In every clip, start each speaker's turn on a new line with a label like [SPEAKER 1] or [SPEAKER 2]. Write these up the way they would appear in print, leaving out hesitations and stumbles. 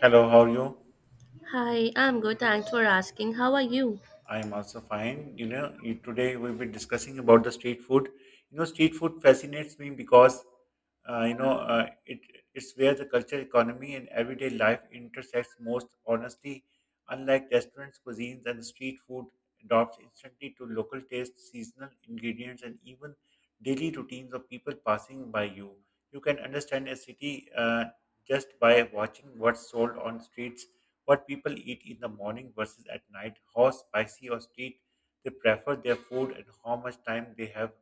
[SPEAKER 1] Hello, how are you?
[SPEAKER 2] Hi, I'm good. Thanks for asking. How are you?
[SPEAKER 1] I am also fine. You know, today we'll be discussing about the street food. You know, street food fascinates me because uh, you know uh, it it's where the culture, economy, and everyday life intersects most honestly. Unlike restaurants, cuisines, and street food adopts instantly to local tastes, seasonal ingredients, and even daily routines of people passing by you. You can understand a city just by watching what's sold on streets, what people eat in the morning versus at night, how spicy or street they prefer their food, and how much time they have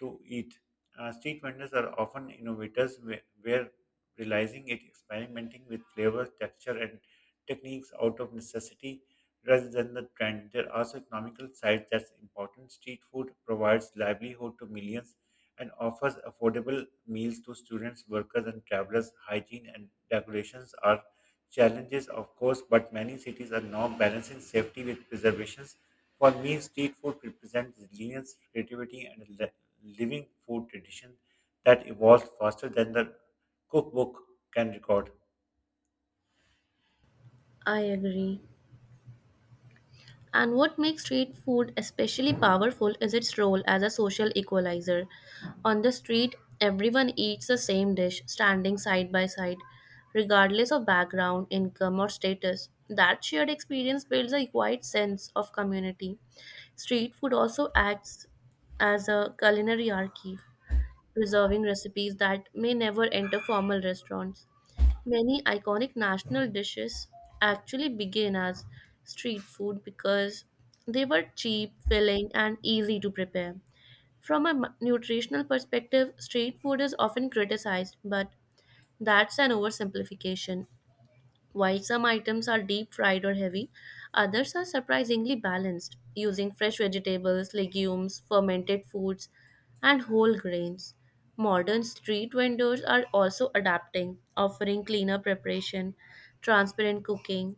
[SPEAKER 1] to eat. Street vendors are often innovators where realizing it, experimenting with flavors, texture, and techniques out of necessity rather than the trend. There are also economical sides that's important. Street food provides livelihood to millions and offers affordable meals to students, workers, and travelers. Hygiene and regulations are challenges, of course, but many cities are now balancing safety with preservations. For me, street food represents resilience, creativity, and a living food tradition that evolves faster than the cookbook can record.
[SPEAKER 2] I agree. And what makes street food especially powerful is its role as a social equalizer. On the street, everyone eats the same dish, standing side by side, regardless of background, income, or status. That shared experience builds a quiet sense of community. Street food also acts as a culinary archive, preserving recipes that may never enter formal restaurants. Many iconic national dishes actually began as street food because they were cheap, filling, and easy to prepare. From nutritional perspective, street food is often criticized, but that's an oversimplification. While some items are deep fried or heavy, others are surprisingly balanced, using fresh vegetables, legumes, fermented foods, and whole grains. Modern street vendors are also adapting, offering cleaner preparation, transparent cooking,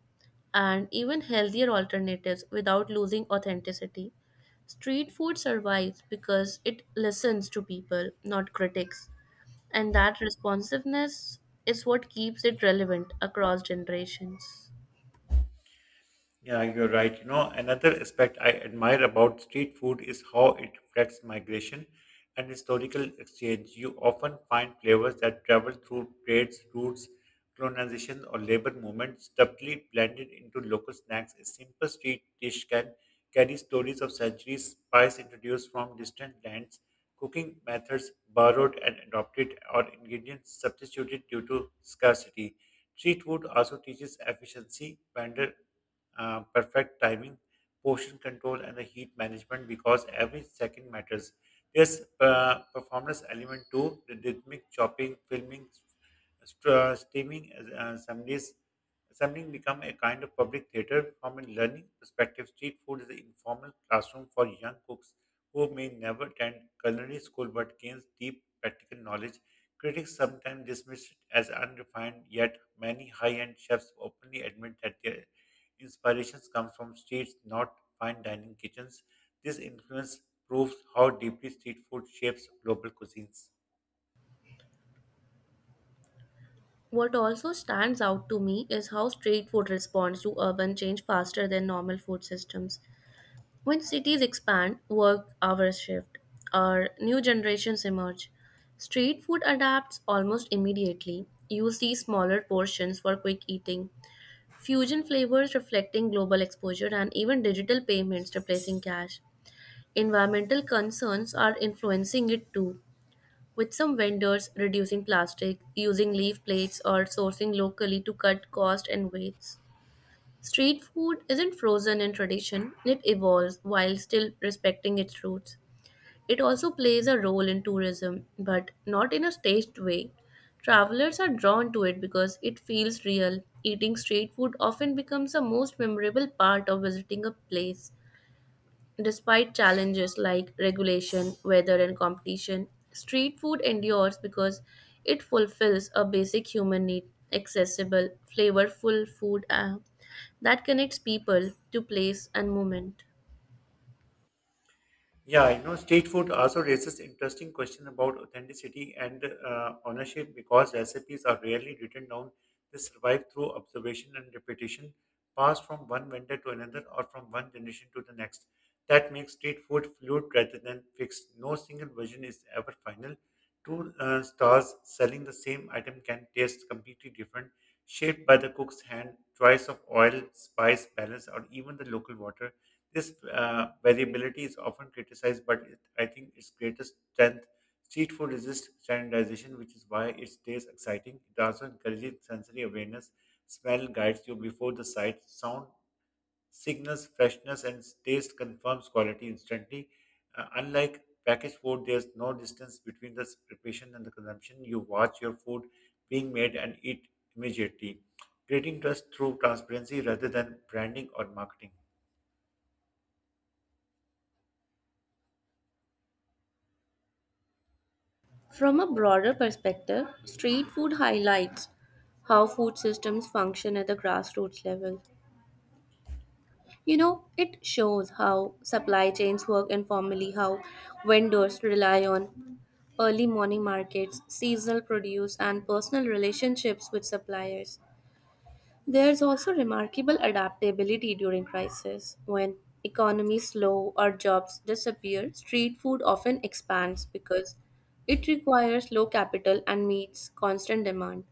[SPEAKER 2] and even healthier alternatives without losing authenticity. Street food survives because it listens to people, not critics, and that responsiveness is what keeps it relevant across generations.
[SPEAKER 1] Yeah, you're right. You know, another aspect I admire about street food is how it reflects migration and historical exchange. You often find flavors that travel through trades, routes, colonization, or labor movements, subtly blended into local snacks. A simple street dish can carry stories of centuries, spice introduced from distant lands, cooking methods borrowed and adopted, or ingredients substituted due to scarcity. Street food also teaches efficiency, vendor, perfect timing, portion control, and the heat management because every second matters. There's performance element too, the rhythmic chopping, filming, streaming assemblies. Assembling become a kind of public theater from a learning perspective. Street food is an informal classroom for young cooks who may never attend culinary school but gains deep practical knowledge. Critics sometimes dismiss it as unrefined, yet many high-end chefs openly admit that their inspirations come from streets, not fine dining kitchens. This influence proves how deeply street food shapes global cuisines.
[SPEAKER 2] What also stands out to me is how street food responds to urban change faster than normal food systems. When cities expand, work hours shift, or new generations emerge, street food adapts almost immediately. You see smaller portions for quick eating, fusion flavors reflecting global exposure, and even digital payments replacing cash. Environmental concerns are influencing it too, with some vendors reducing plastic, using leaf plates, or sourcing locally to cut cost and waste. Street food isn't frozen in tradition, it evolves while still respecting its roots. It also plays a role in tourism, but not in a staged way. Travelers are drawn to it because it feels real. Eating street food often becomes the most memorable part of visiting a place. Despite challenges like regulation, weather, and competition, street food endures because it fulfills a basic human need, accessible, flavorful food that connects people to place and moment.
[SPEAKER 1] Yeah, you know, street food also raises interesting question about authenticity and ownership because recipes are rarely written down. They survive through observation and repetition, passed from one vendor to another or from one generation to the next. That makes street food fluid rather than fixed. No single version is ever final. Two stars selling the same item can taste completely different, shaped by the cook's hand, choice of oil, spice, balance, or even the local water. This variability is often criticized, but it, I think its greatest strength, street food resists standardization, which is why it stays exciting. It also encourages sensory awareness. Smell guides you before the sight. Sound signals freshness, and taste confirms quality instantly. Unlike packaged food, there's no distance between the preparation and the consumption. You watch your food being made and eat immediately, creating trust through transparency rather than branding or marketing.
[SPEAKER 2] From a broader perspective, street food highlights how food systems function at the grassroots level. You know, it shows how supply chains work informally, how vendors rely on early morning markets, seasonal produce, and personal relationships with suppliers. There's also remarkable adaptability during crisis. When economies slow or jobs disappear, street food often expands because it requires low capital and meets constant demand.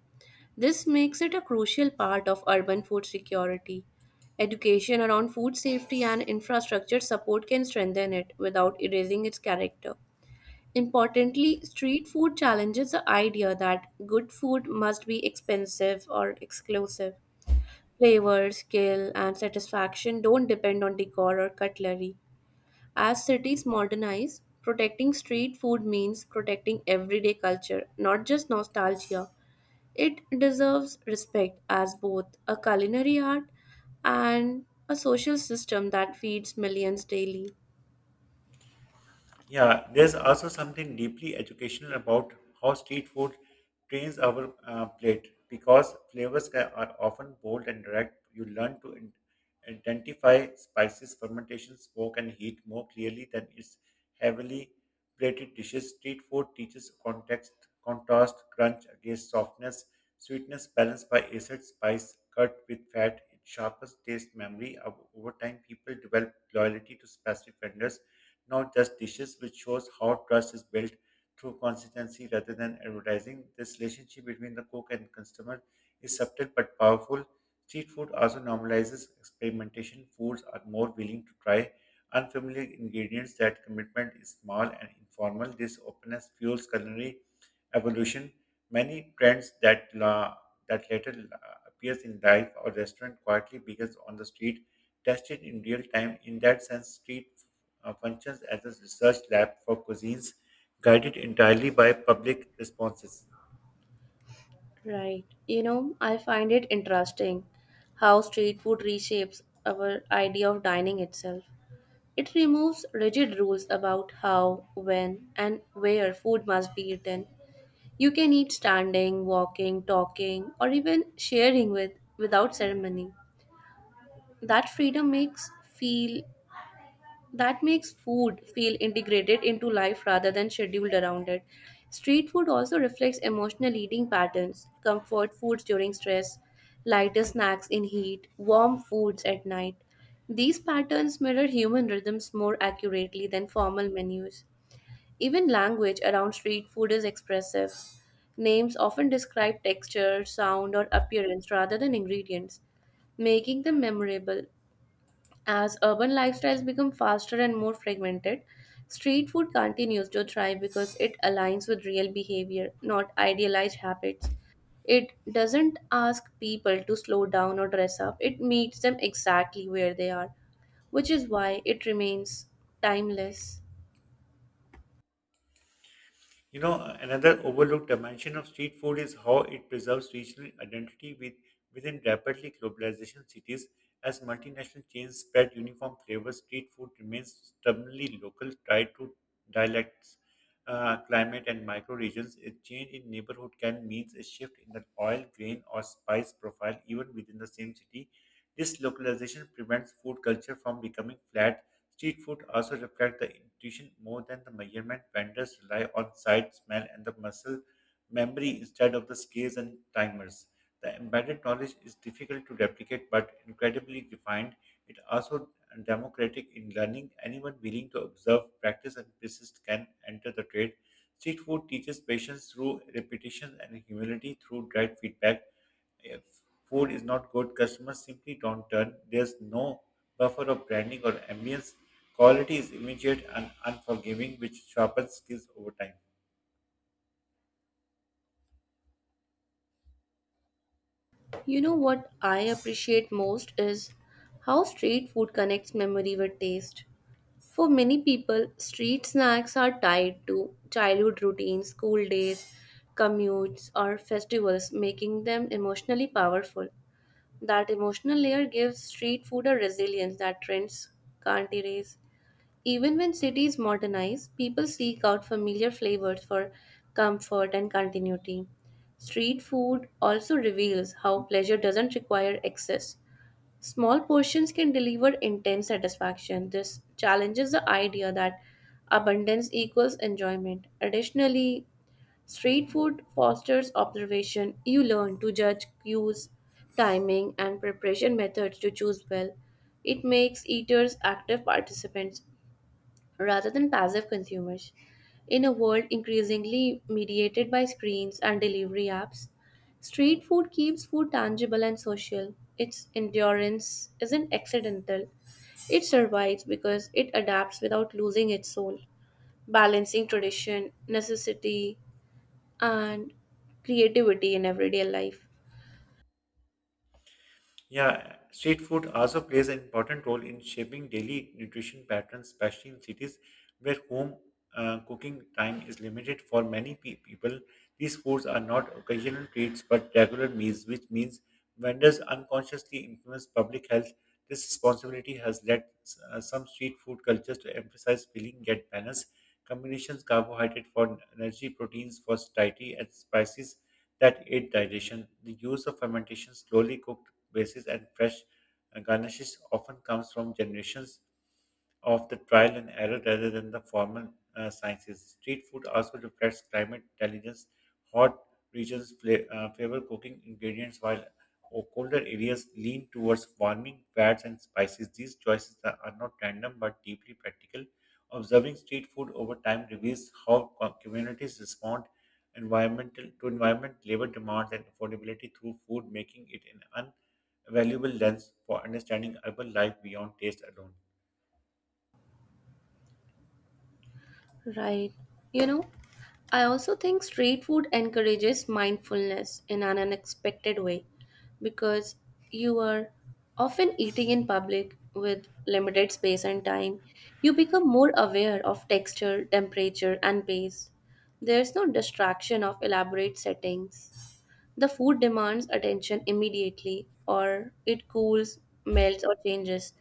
[SPEAKER 2] This makes it a crucial part of urban food security. Education around food safety and infrastructure support can strengthen it without erasing its character. Importantly, street food challenges the idea that good food must be expensive or exclusive. Flavor, skill, and satisfaction don't depend on decor or cutlery. As cities modernize, protecting street food means protecting everyday culture, not just nostalgia. It deserves respect as both a culinary art and a social system that feeds millions daily.
[SPEAKER 1] Yeah, there's also something deeply educational about how street food trains our plate because flavors are often bold and direct. You learn to identify spices, fermentation, smoke, and heat more clearly than its heavily plated dishes. Street food teaches context, contrast, crunch against softness, sweetness balanced by acid, spice cut with fat. It sharpens taste memory. Over time, people develop loyalty to specific vendors, not just dishes, which shows how trust is built through consistency rather than advertising. This relationship between the cook and customer is subtle but powerful. Street food also normalizes experimentation. Foods are more willing to try unfamiliar ingredients. That commitment is small and informal. This openness fuels culinary evolution. Many trends that later appears in life or restaurant quietly begins on the street, tested in real time. In that sense, street functions as a research lab for cuisines guided entirely by public responses.
[SPEAKER 2] Right. You know, I find it interesting how street food reshapes our idea of dining itself. It removes rigid rules about how, when, and where food must be eaten. You can eat standing, walking, talking, or even sharing without ceremony. That freedom makes feel that makes food feel integrated into life rather than scheduled around it. Street food also reflects emotional eating patterns, comfort foods during stress, lighter snacks in heat, warm foods at night. These patterns mirror human rhythms more accurately than formal menus. Even language around street food is expressive. Names often describe texture, sound, or appearance rather than ingredients, making them memorable. As urban lifestyles become faster and more fragmented, street food continues to thrive because it aligns with real behavior, not idealized habits. It doesn't ask people to slow down or dress up, it meets them exactly where they are, which is why it remains timeless.
[SPEAKER 1] You know, another overlooked dimension of street food is how it preserves regional identity within rapidly globalization cities. As multinational chains spread uniform flavors, street food remains stubbornly local, tied to dialects, climate, and microregions. A change in neighborhood can mean a shift in the oil, grain, or spice profile, even within the same city. This localization prevents food culture from becoming flat. Street food also reflects the intuition more than the measurement. Vendors rely on sight, smell, and the muscle memory instead of the scales and timers. The embedded knowledge is difficult to replicate but incredibly refined. It also democratic in learning. Anyone willing to observe, practice, and persist can enter the trade. Street food teaches patience through repetition and humility through direct feedback. If food is not good, customers simply don't turn. There's no buffer of branding or ambience. Quality is immediate and unforgiving, which sharpens skills over time.
[SPEAKER 2] You know what I appreciate most is how street food connects memory with taste. For many people, street snacks are tied to childhood routines, school days, commutes, or festivals, making them emotionally powerful. That emotional layer gives street food a resilience that trends can't erase. Even when cities modernize, people seek out familiar flavors for comfort and continuity. Street food also reveals how pleasure doesn't require excess. Small portions can deliver intense satisfaction. This challenges the idea that abundance equals enjoyment. Additionally, street food fosters observation. You learn to judge cues, timing, and preparation methods to choose well. It makes eaters active participants rather than passive consumers. In a world increasingly mediated by screens and delivery apps, street food keeps food tangible and social. Its endurance isn't accidental, it survives because it adapts without losing its soul, balancing tradition, necessity, and creativity in everyday life.
[SPEAKER 1] Yeah, street food also plays an important role in shaping daily nutrition patterns, especially in cities where home cooking time is limited for many people. These foods are not occasional treats but regular meals, which means vendors unconsciously influence public health. This responsibility has led some street food cultures to emphasize filling yet balance, combinations carbohydrate for energy, proteins for satiety, and spices that aid digestion. The use of fermentation, slowly cooked bases, and fresh garnishes often comes from generations of the trial and error rather than the formal sciences. Street food also reflects climate intelligence. Hot regions favor cooking ingredients, while colder areas lean towards warming fats and spices. These choices are not random but deeply practical. Observing street food over time reveals how communities respond environmental to environment, labor demands, and affordability through food, making it an invaluable lens for understanding urban life beyond taste alone.
[SPEAKER 2] Right. You know, I also think street food encourages mindfulness in an unexpected way because you are often eating in public with limited space and time. You become more aware of texture, temperature, and pace. There's no distraction of elaborate settings. The food demands attention immediately, or it cools, melts, or changes.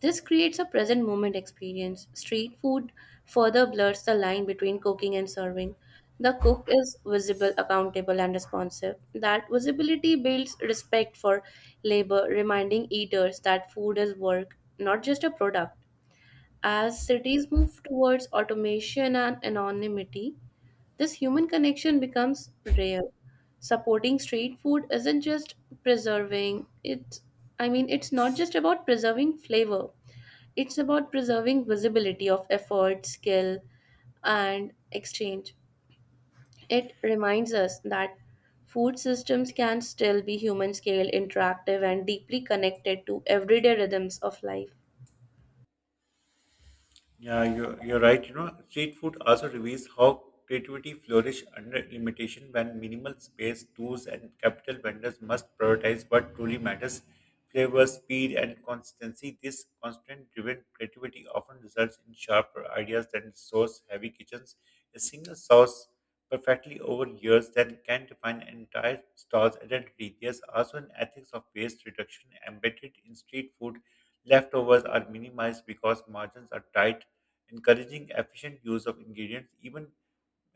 [SPEAKER 2] This creates a present moment experience. Street food further blurs the line between cooking and serving. The cook is visible, accountable, and responsive. That visibility builds respect for labor, reminding eaters that food is work, not just a product. As cities move towards automation and anonymity, this human connection becomes rare. Supporting street food isn't just preserving it, I mean, It's not just about preserving flavor, it's about preserving visibility of effort, skill, and exchange. It reminds us that food systems can still be human scale, interactive, and deeply connected to everyday rhythms of life.
[SPEAKER 1] Yeah, you're right. You know, street food also reveals how creativity flourish under limitation when minimal space, tools, and capital vendors must prioritize what truly matters. Flavor, speed, and consistency. This constraint-driven creativity often results in sharper ideas than source-heavy kitchens. A single sauce perfectly over years that can define an entire store's identity. There's also an ethics of waste reduction embedded in street food. Leftovers are minimized because margins are tight, encouraging efficient use of ingredients. Even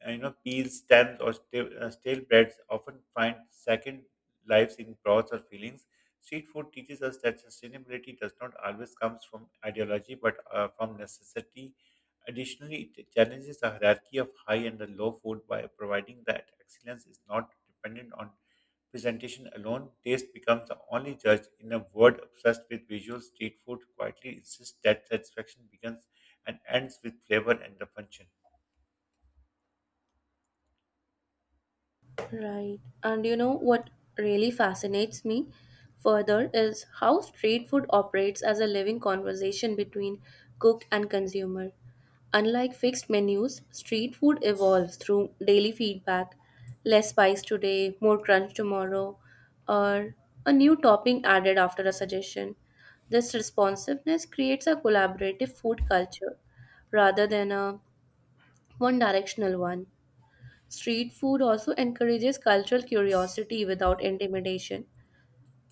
[SPEAKER 1] you know peels, stems, or stale breads often find second lives in broths or fillings. Street food teaches us that sustainability does not always come from ideology, but from necessity. Additionally, it challenges the hierarchy of high and the low food by providing that excellence is not dependent on presentation alone. Taste becomes the only judge. In a world obsessed with visuals, street food quietly insists that satisfaction begins and ends with flavor and the function.
[SPEAKER 2] Right. And you know what really fascinates me further is how street food operates as a living conversation between cook and consumer. Unlike fixed menus, street food evolves through daily feedback. Less spice today, more crunch tomorrow, or a new topping added after a suggestion. This responsiveness creates a collaborative food culture rather than a one directional one. Street food also encourages cultural curiosity without intimidation.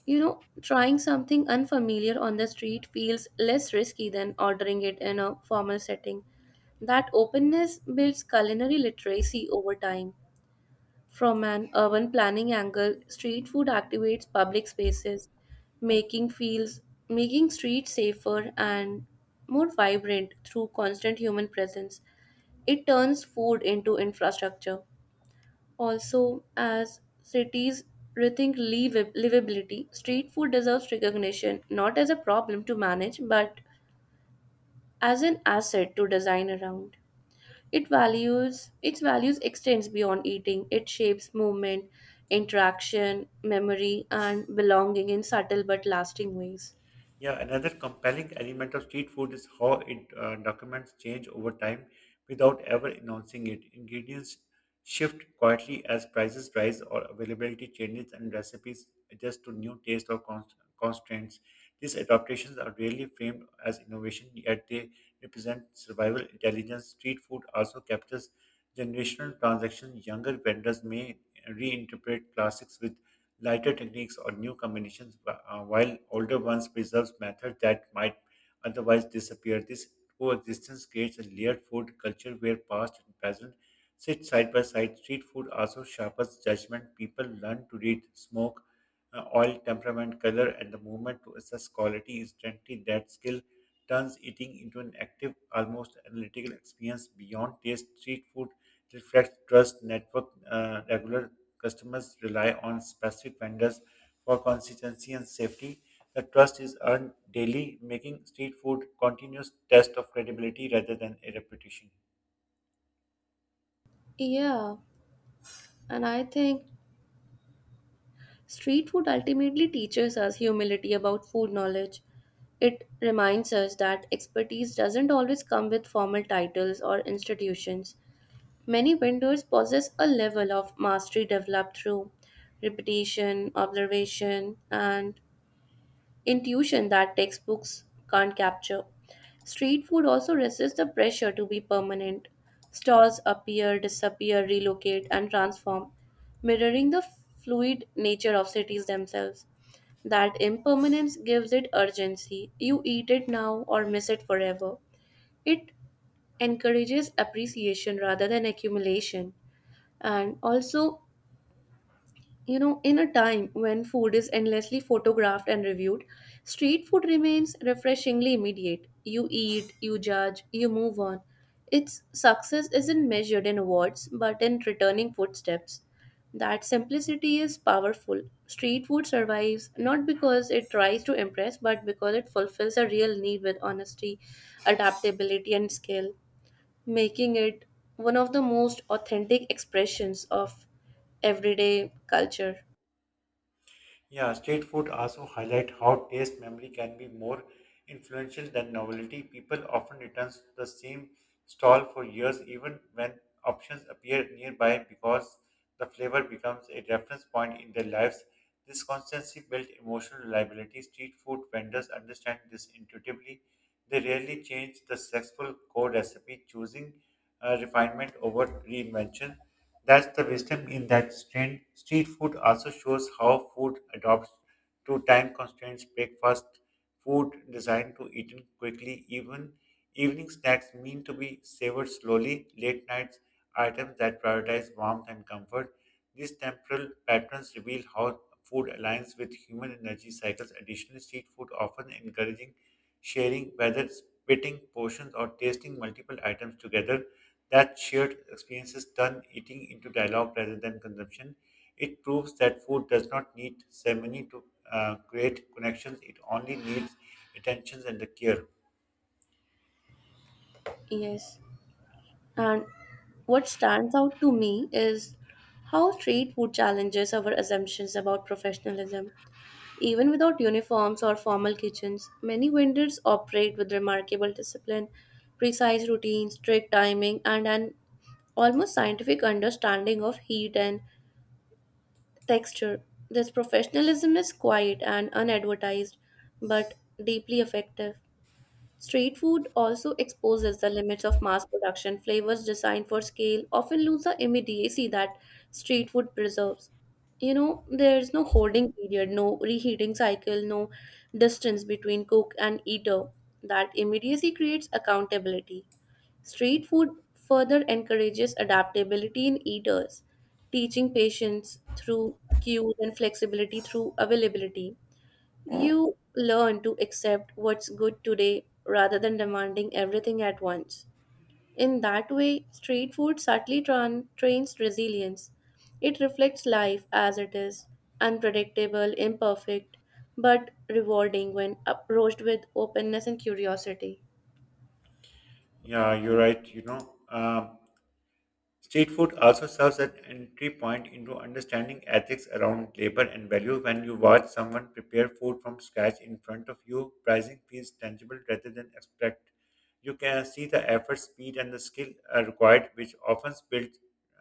[SPEAKER 2] You know, trying something unfamiliar on the street feels less risky than ordering it in a formal setting. That openness builds culinary literacy over time. From an urban planning angle, street food activates public spaces, making feels making streets safer and more vibrant through constant human presence. It turns food into infrastructure. Also, as cities rethink livability, street food deserves recognition not as a problem to manage but as an asset to design around. It values its values extends beyond eating. It shapes movement, interaction, memory, and belonging in subtle but lasting ways.
[SPEAKER 1] Yeah, another compelling element of street food is how it documents change over time without ever announcing it. Ingredients shift quietly as prices rise or availability changes and recipes adjust to new taste or constraints. These adaptations are rarely framed as innovation, yet they represent survival intelligence. Street food also captures generational transactions. Younger vendors may reinterpret classics with lighter techniques or new combinations, while older ones preserves methods that might otherwise disappear. This coexistence creates a layered food culture where past and present sit side by side. Street food also sharpens judgment. People learn to read smoke, oil, temperament, color, and the movement to assess quality instantly. That skill turns eating into an active, almost analytical experience beyond taste. Street food reflects trust, network, regular customers rely on specific vendors for consistency and safety. The trust is earned daily, making street food continuous test of credibility rather than a reputation.
[SPEAKER 2] Yeah, and I think street food ultimately teaches us humility about food knowledge. It reminds us that expertise doesn't always come with formal titles or institutions. Many vendors possess a level of mastery developed through repetition, observation, and intuition that textbooks can't capture. Street food also resists the pressure to be permanent. Stalls appear, disappear, relocate, and transform, mirroring the fluid nature of cities themselves. That impermanence gives it urgency. You eat it now or miss it forever. It encourages appreciation rather than accumulation. And also, you know, in a time when food is endlessly photographed and reviewed, street food remains refreshingly immediate. You eat, you judge, you move on. Its success isn't measured in awards, but in returning footsteps. That simplicity is powerful. Street food survives not because it tries to impress, but because it fulfills a real need with honesty, adaptability, and skill, making it one of the most authentic expressions of everyday culture.
[SPEAKER 1] Yeah, street food also highlight how taste memory can be more influential than novelty. People often return to the same stall for years even when options appear nearby because the flavor becomes a reference point in their lives. This constancy builds emotional reliability. Street food vendors understand this intuitively. They rarely change the successful core recipe, choosing refinement over reinvention. That's the wisdom in that strain. Street food also shows how food adopts to time constraints. Breakfast food designed to eaten quickly, even evening snacks mean to be savored slowly. Late nights items that prioritize warmth and comfort. These temporal patterns reveal how food aligns with human energy cycles. Additionally, street food often encouraging sharing, whether splitting portions or tasting multiple items together. That shared experiences turn eating into dialogue rather than consumption. It proves that food does not need ceremony to create connections. It only needs attentions and the care.
[SPEAKER 2] Yes. And what stands out to me is how street food challenges our assumptions about professionalism. Even without uniforms or formal kitchens, many vendors operate with remarkable discipline, precise routines, strict timing, and an almost scientific understanding of heat and texture. This professionalism is quiet and unadvertised, but deeply effective. Street food also exposes the limits of mass production. Flavors designed for scale often lose the immediacy that street food preserves. You know, there is no holding period, no reheating cycle, no distance between cook and eater. That immediacy creates accountability. Street food further encourages adaptability in eaters, teaching patience through cues and flexibility through availability. You learn to accept what's good today rather than demanding everything at once. In that way, street food subtly trains resilience. It reflects life as it is, unpredictable, imperfect, but rewarding when approached with openness and curiosity.
[SPEAKER 1] Yeah, you're right. You know, street food also serves as an entry point into understanding ethics around labor and value. When you watch someone prepare food from scratch in front of you, pricing feels tangible rather than abstract. You can see the effort, speed, and the skill are required, which often builds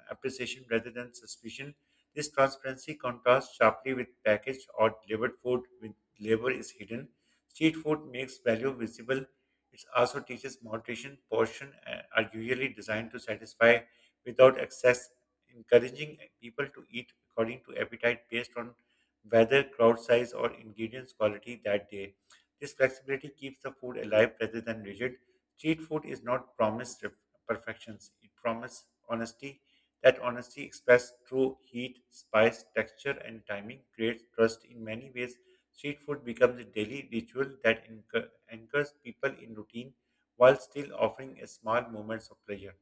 [SPEAKER 1] appreciation rather than suspicion. This transparency contrasts sharply with packaged or delivered food with labor is hidden. Street food makes value visible. It also teaches moderation. Portion are usually designed to satisfy without excess, encouraging people to eat according to appetite based on weather, crowd size, or ingredients quality that day. This flexibility keeps the food alive rather than rigid. Street food is not promised perfections, it promises honesty. That honesty expressed through heat, spice, texture, and timing creates trust in many ways. Street food becomes a daily ritual that anchors people in routine while still offering a small moments of pleasure.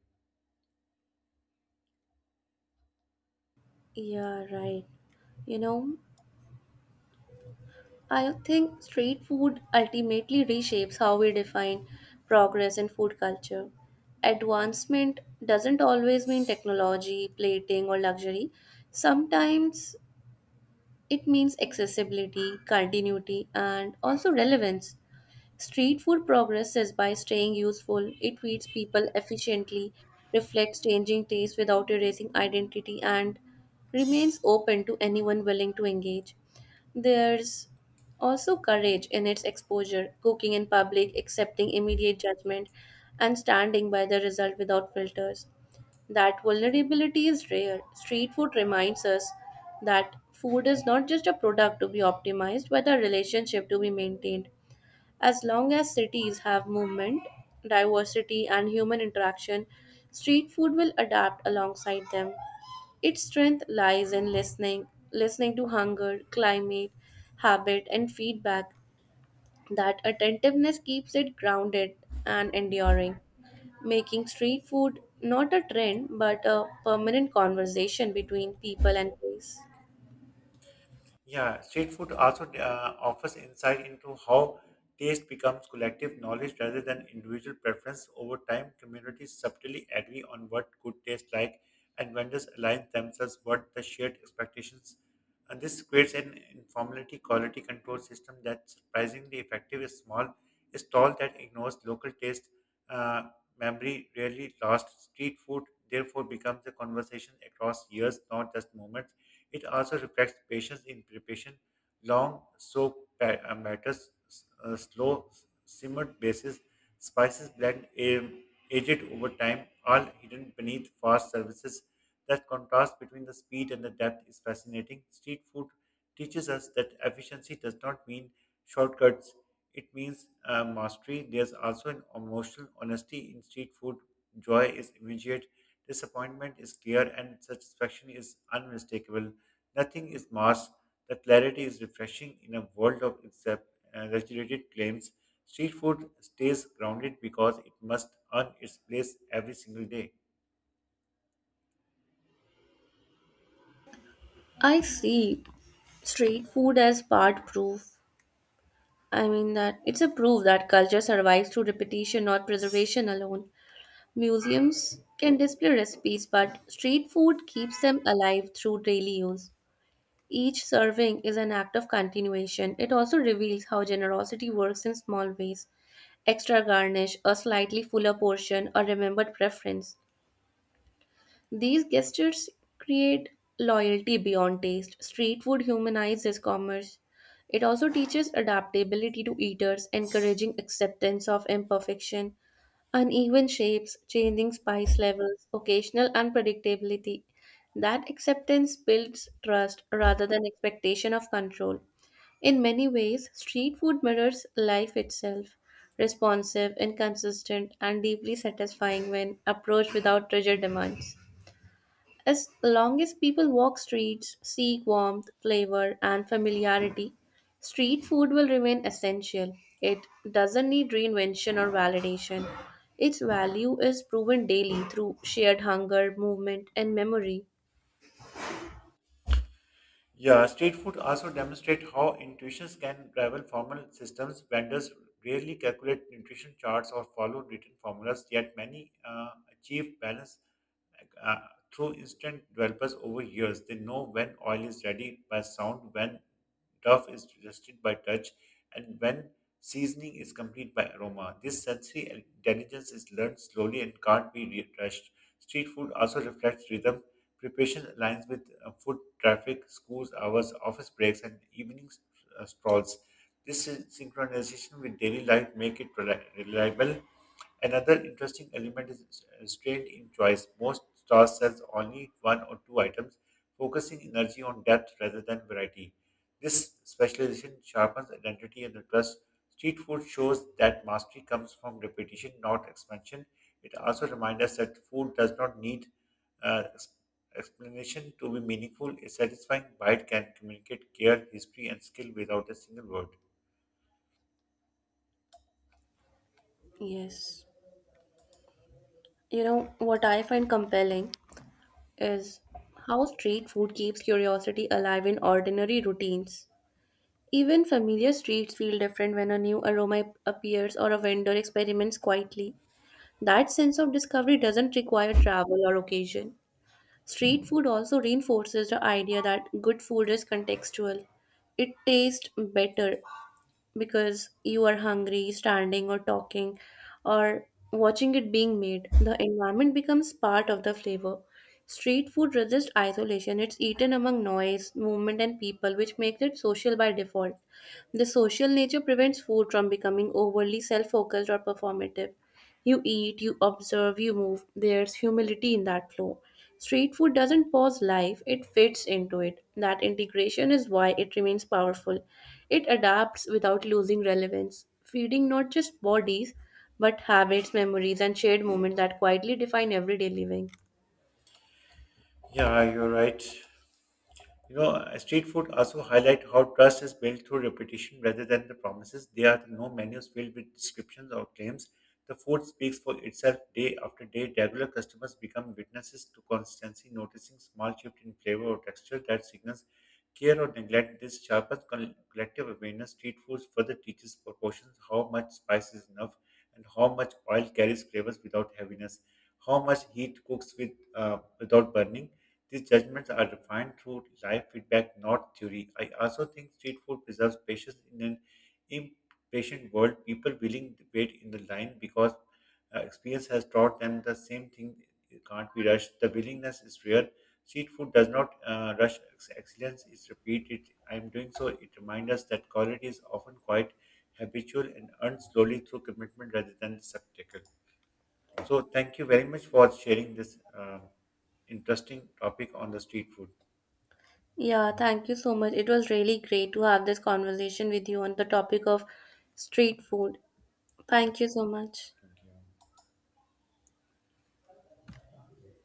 [SPEAKER 2] Yeah, right. You know, I think street food ultimately reshapes how we define progress in food culture. Advancement doesn't always mean technology, plating, or luxury. Sometimes it means accessibility, continuity, and also relevance. Street food progresses by staying useful, it feeds people efficiently, reflects changing tastes without erasing identity, and remains open to anyone willing to engage. There's also courage in its exposure, cooking in public, accepting immediate judgment, and standing by the result without filters. That vulnerability is rare. Street food reminds us that food is not just a product to be optimized, but a relationship to be maintained. As long as cities have movement, diversity, and human interaction, street food will adapt alongside them. Its strength lies in listening, listening to hunger, climate, habit, and feedback. That attentiveness keeps it grounded and enduring, making street food not a trend but a permanent conversation between people and place.
[SPEAKER 1] Yeah, street food also offers insight into how taste becomes collective knowledge rather than individual preference. Over time, communities subtly agree on what good tastes like, and vendors align themselves with the shared expectations. And this creates an informality quality control system that's surprisingly effective is stall that ignores local taste uh, memory rarely lost. Street food, therefore, becomes a conversation across years, not just moments. It also reflects patience in preparation, long matters, slow simmered basis, spices blend aged over time, all hidden beneath fast services. That contrast between the speed and the depth is fascinating. Street food teaches us that efficiency does not mean shortcuts. It means mastery. There's also an emotional honesty in street food. Joy is immediate, disappointment is clear, and satisfaction is unmistakable. Nothing is masked. The clarity is refreshing in a world of regulated claims. Street food stays grounded because it must earn its place every single day.
[SPEAKER 2] I see street food as part proof. I mean that it's a proof that culture survives through repetition, not preservation alone. Museums can display recipes, but street food keeps them alive through daily use. Each serving is an act of continuation. It also reveals how generosity works in small ways, extra garnish, a slightly fuller portion, a remembered preference. These gestures create loyalty beyond taste. Street food humanizes commerce. It also teaches adaptability to eaters, encouraging acceptance of imperfection. Uneven shapes, changing spice levels, occasional unpredictability. That acceptance builds trust rather than expectation of control. In many ways, street food mirrors life itself, responsive, inconsistent, and deeply satisfying when approached without rigid demands. As long as people walk streets, seek warmth, flavor, and familiarity, street food will remain essential. It doesn't need reinvention or validation. Its value is proven daily through shared hunger, movement, and memory.
[SPEAKER 1] Yeah, street food also demonstrate how intuitions can rival formal systems. Vendors rarely calculate nutrition charts or follow written formulas, yet many achieve balance uh, through instant developers over years. They know when oil is ready by sound, when Duff is rested by touch, and when seasoning is complete by aroma. This sensory intelligence is learned slowly and can't be rushed. Street food also reflects rhythm. Preparation aligns with food traffic, schools hours, office breaks, and evening strolls. This synchronization with daily life make it reliable. Another interesting element is restraint in choice. Most stores sells only one or two items, focusing energy on depth rather than variety. This specialization sharpens identity and the trust. Street food shows that mastery comes from repetition, not expansion. It also reminds us that food does not need uh, ex- explanation to be meaningful. A satisfying bite can communicate care, history, and skill without a single word.
[SPEAKER 2] Yes. You know, what I find compelling is how street food keeps curiosity alive in ordinary routines. Even familiar streets feel different when a new aroma appears or a vendor experiments quietly. That sense of discovery doesn't require travel or occasion. Street food also reinforces the idea that good food is contextual. It tastes better because you are hungry, standing or talking, or watching it being made. The environment becomes part of the flavor. Street food resists isolation. It's eaten among noise, movement, and people, which makes it social by default. The social nature prevents food from becoming overly self focused or performative. You eat, you observe, you move. There's humility in that flow. Street food doesn't pause life, it fits into it. That integration is why it remains powerful. It adapts without losing relevance, feeding not just bodies, but habits, memories, and shared moments that quietly define everyday living.
[SPEAKER 1] Yeah, you're right. Street food also highlight how trust is built through repetition rather than the promises. There are no menus filled with descriptions or claims. The food speaks for itself day after day. Regular customers become witnesses to constancy, noticing small shift in flavor or texture that signals care or neglect. This sharpens collective awareness. Street foods further teaches proportions, how much spice is enough, and how much oil carries flavors without heaviness, how much heat cooks with without burning these judgments are defined through live feedback, not theory. I also think street food preserves patience in an impatient world. People willing to wait in the line because experience has taught them the same thing can't be rushed. The willingness is rare. Street food does not excellence, it's repeated. I am doing so. It reminds us that quality is often quite habitual and earned slowly through commitment rather than spectacle. So, thank you very much for sharing this interesting topic on the street food.
[SPEAKER 2] Yeah, thank you so much. It was really great to have this conversation with you on the topic of street food. Thank you so much.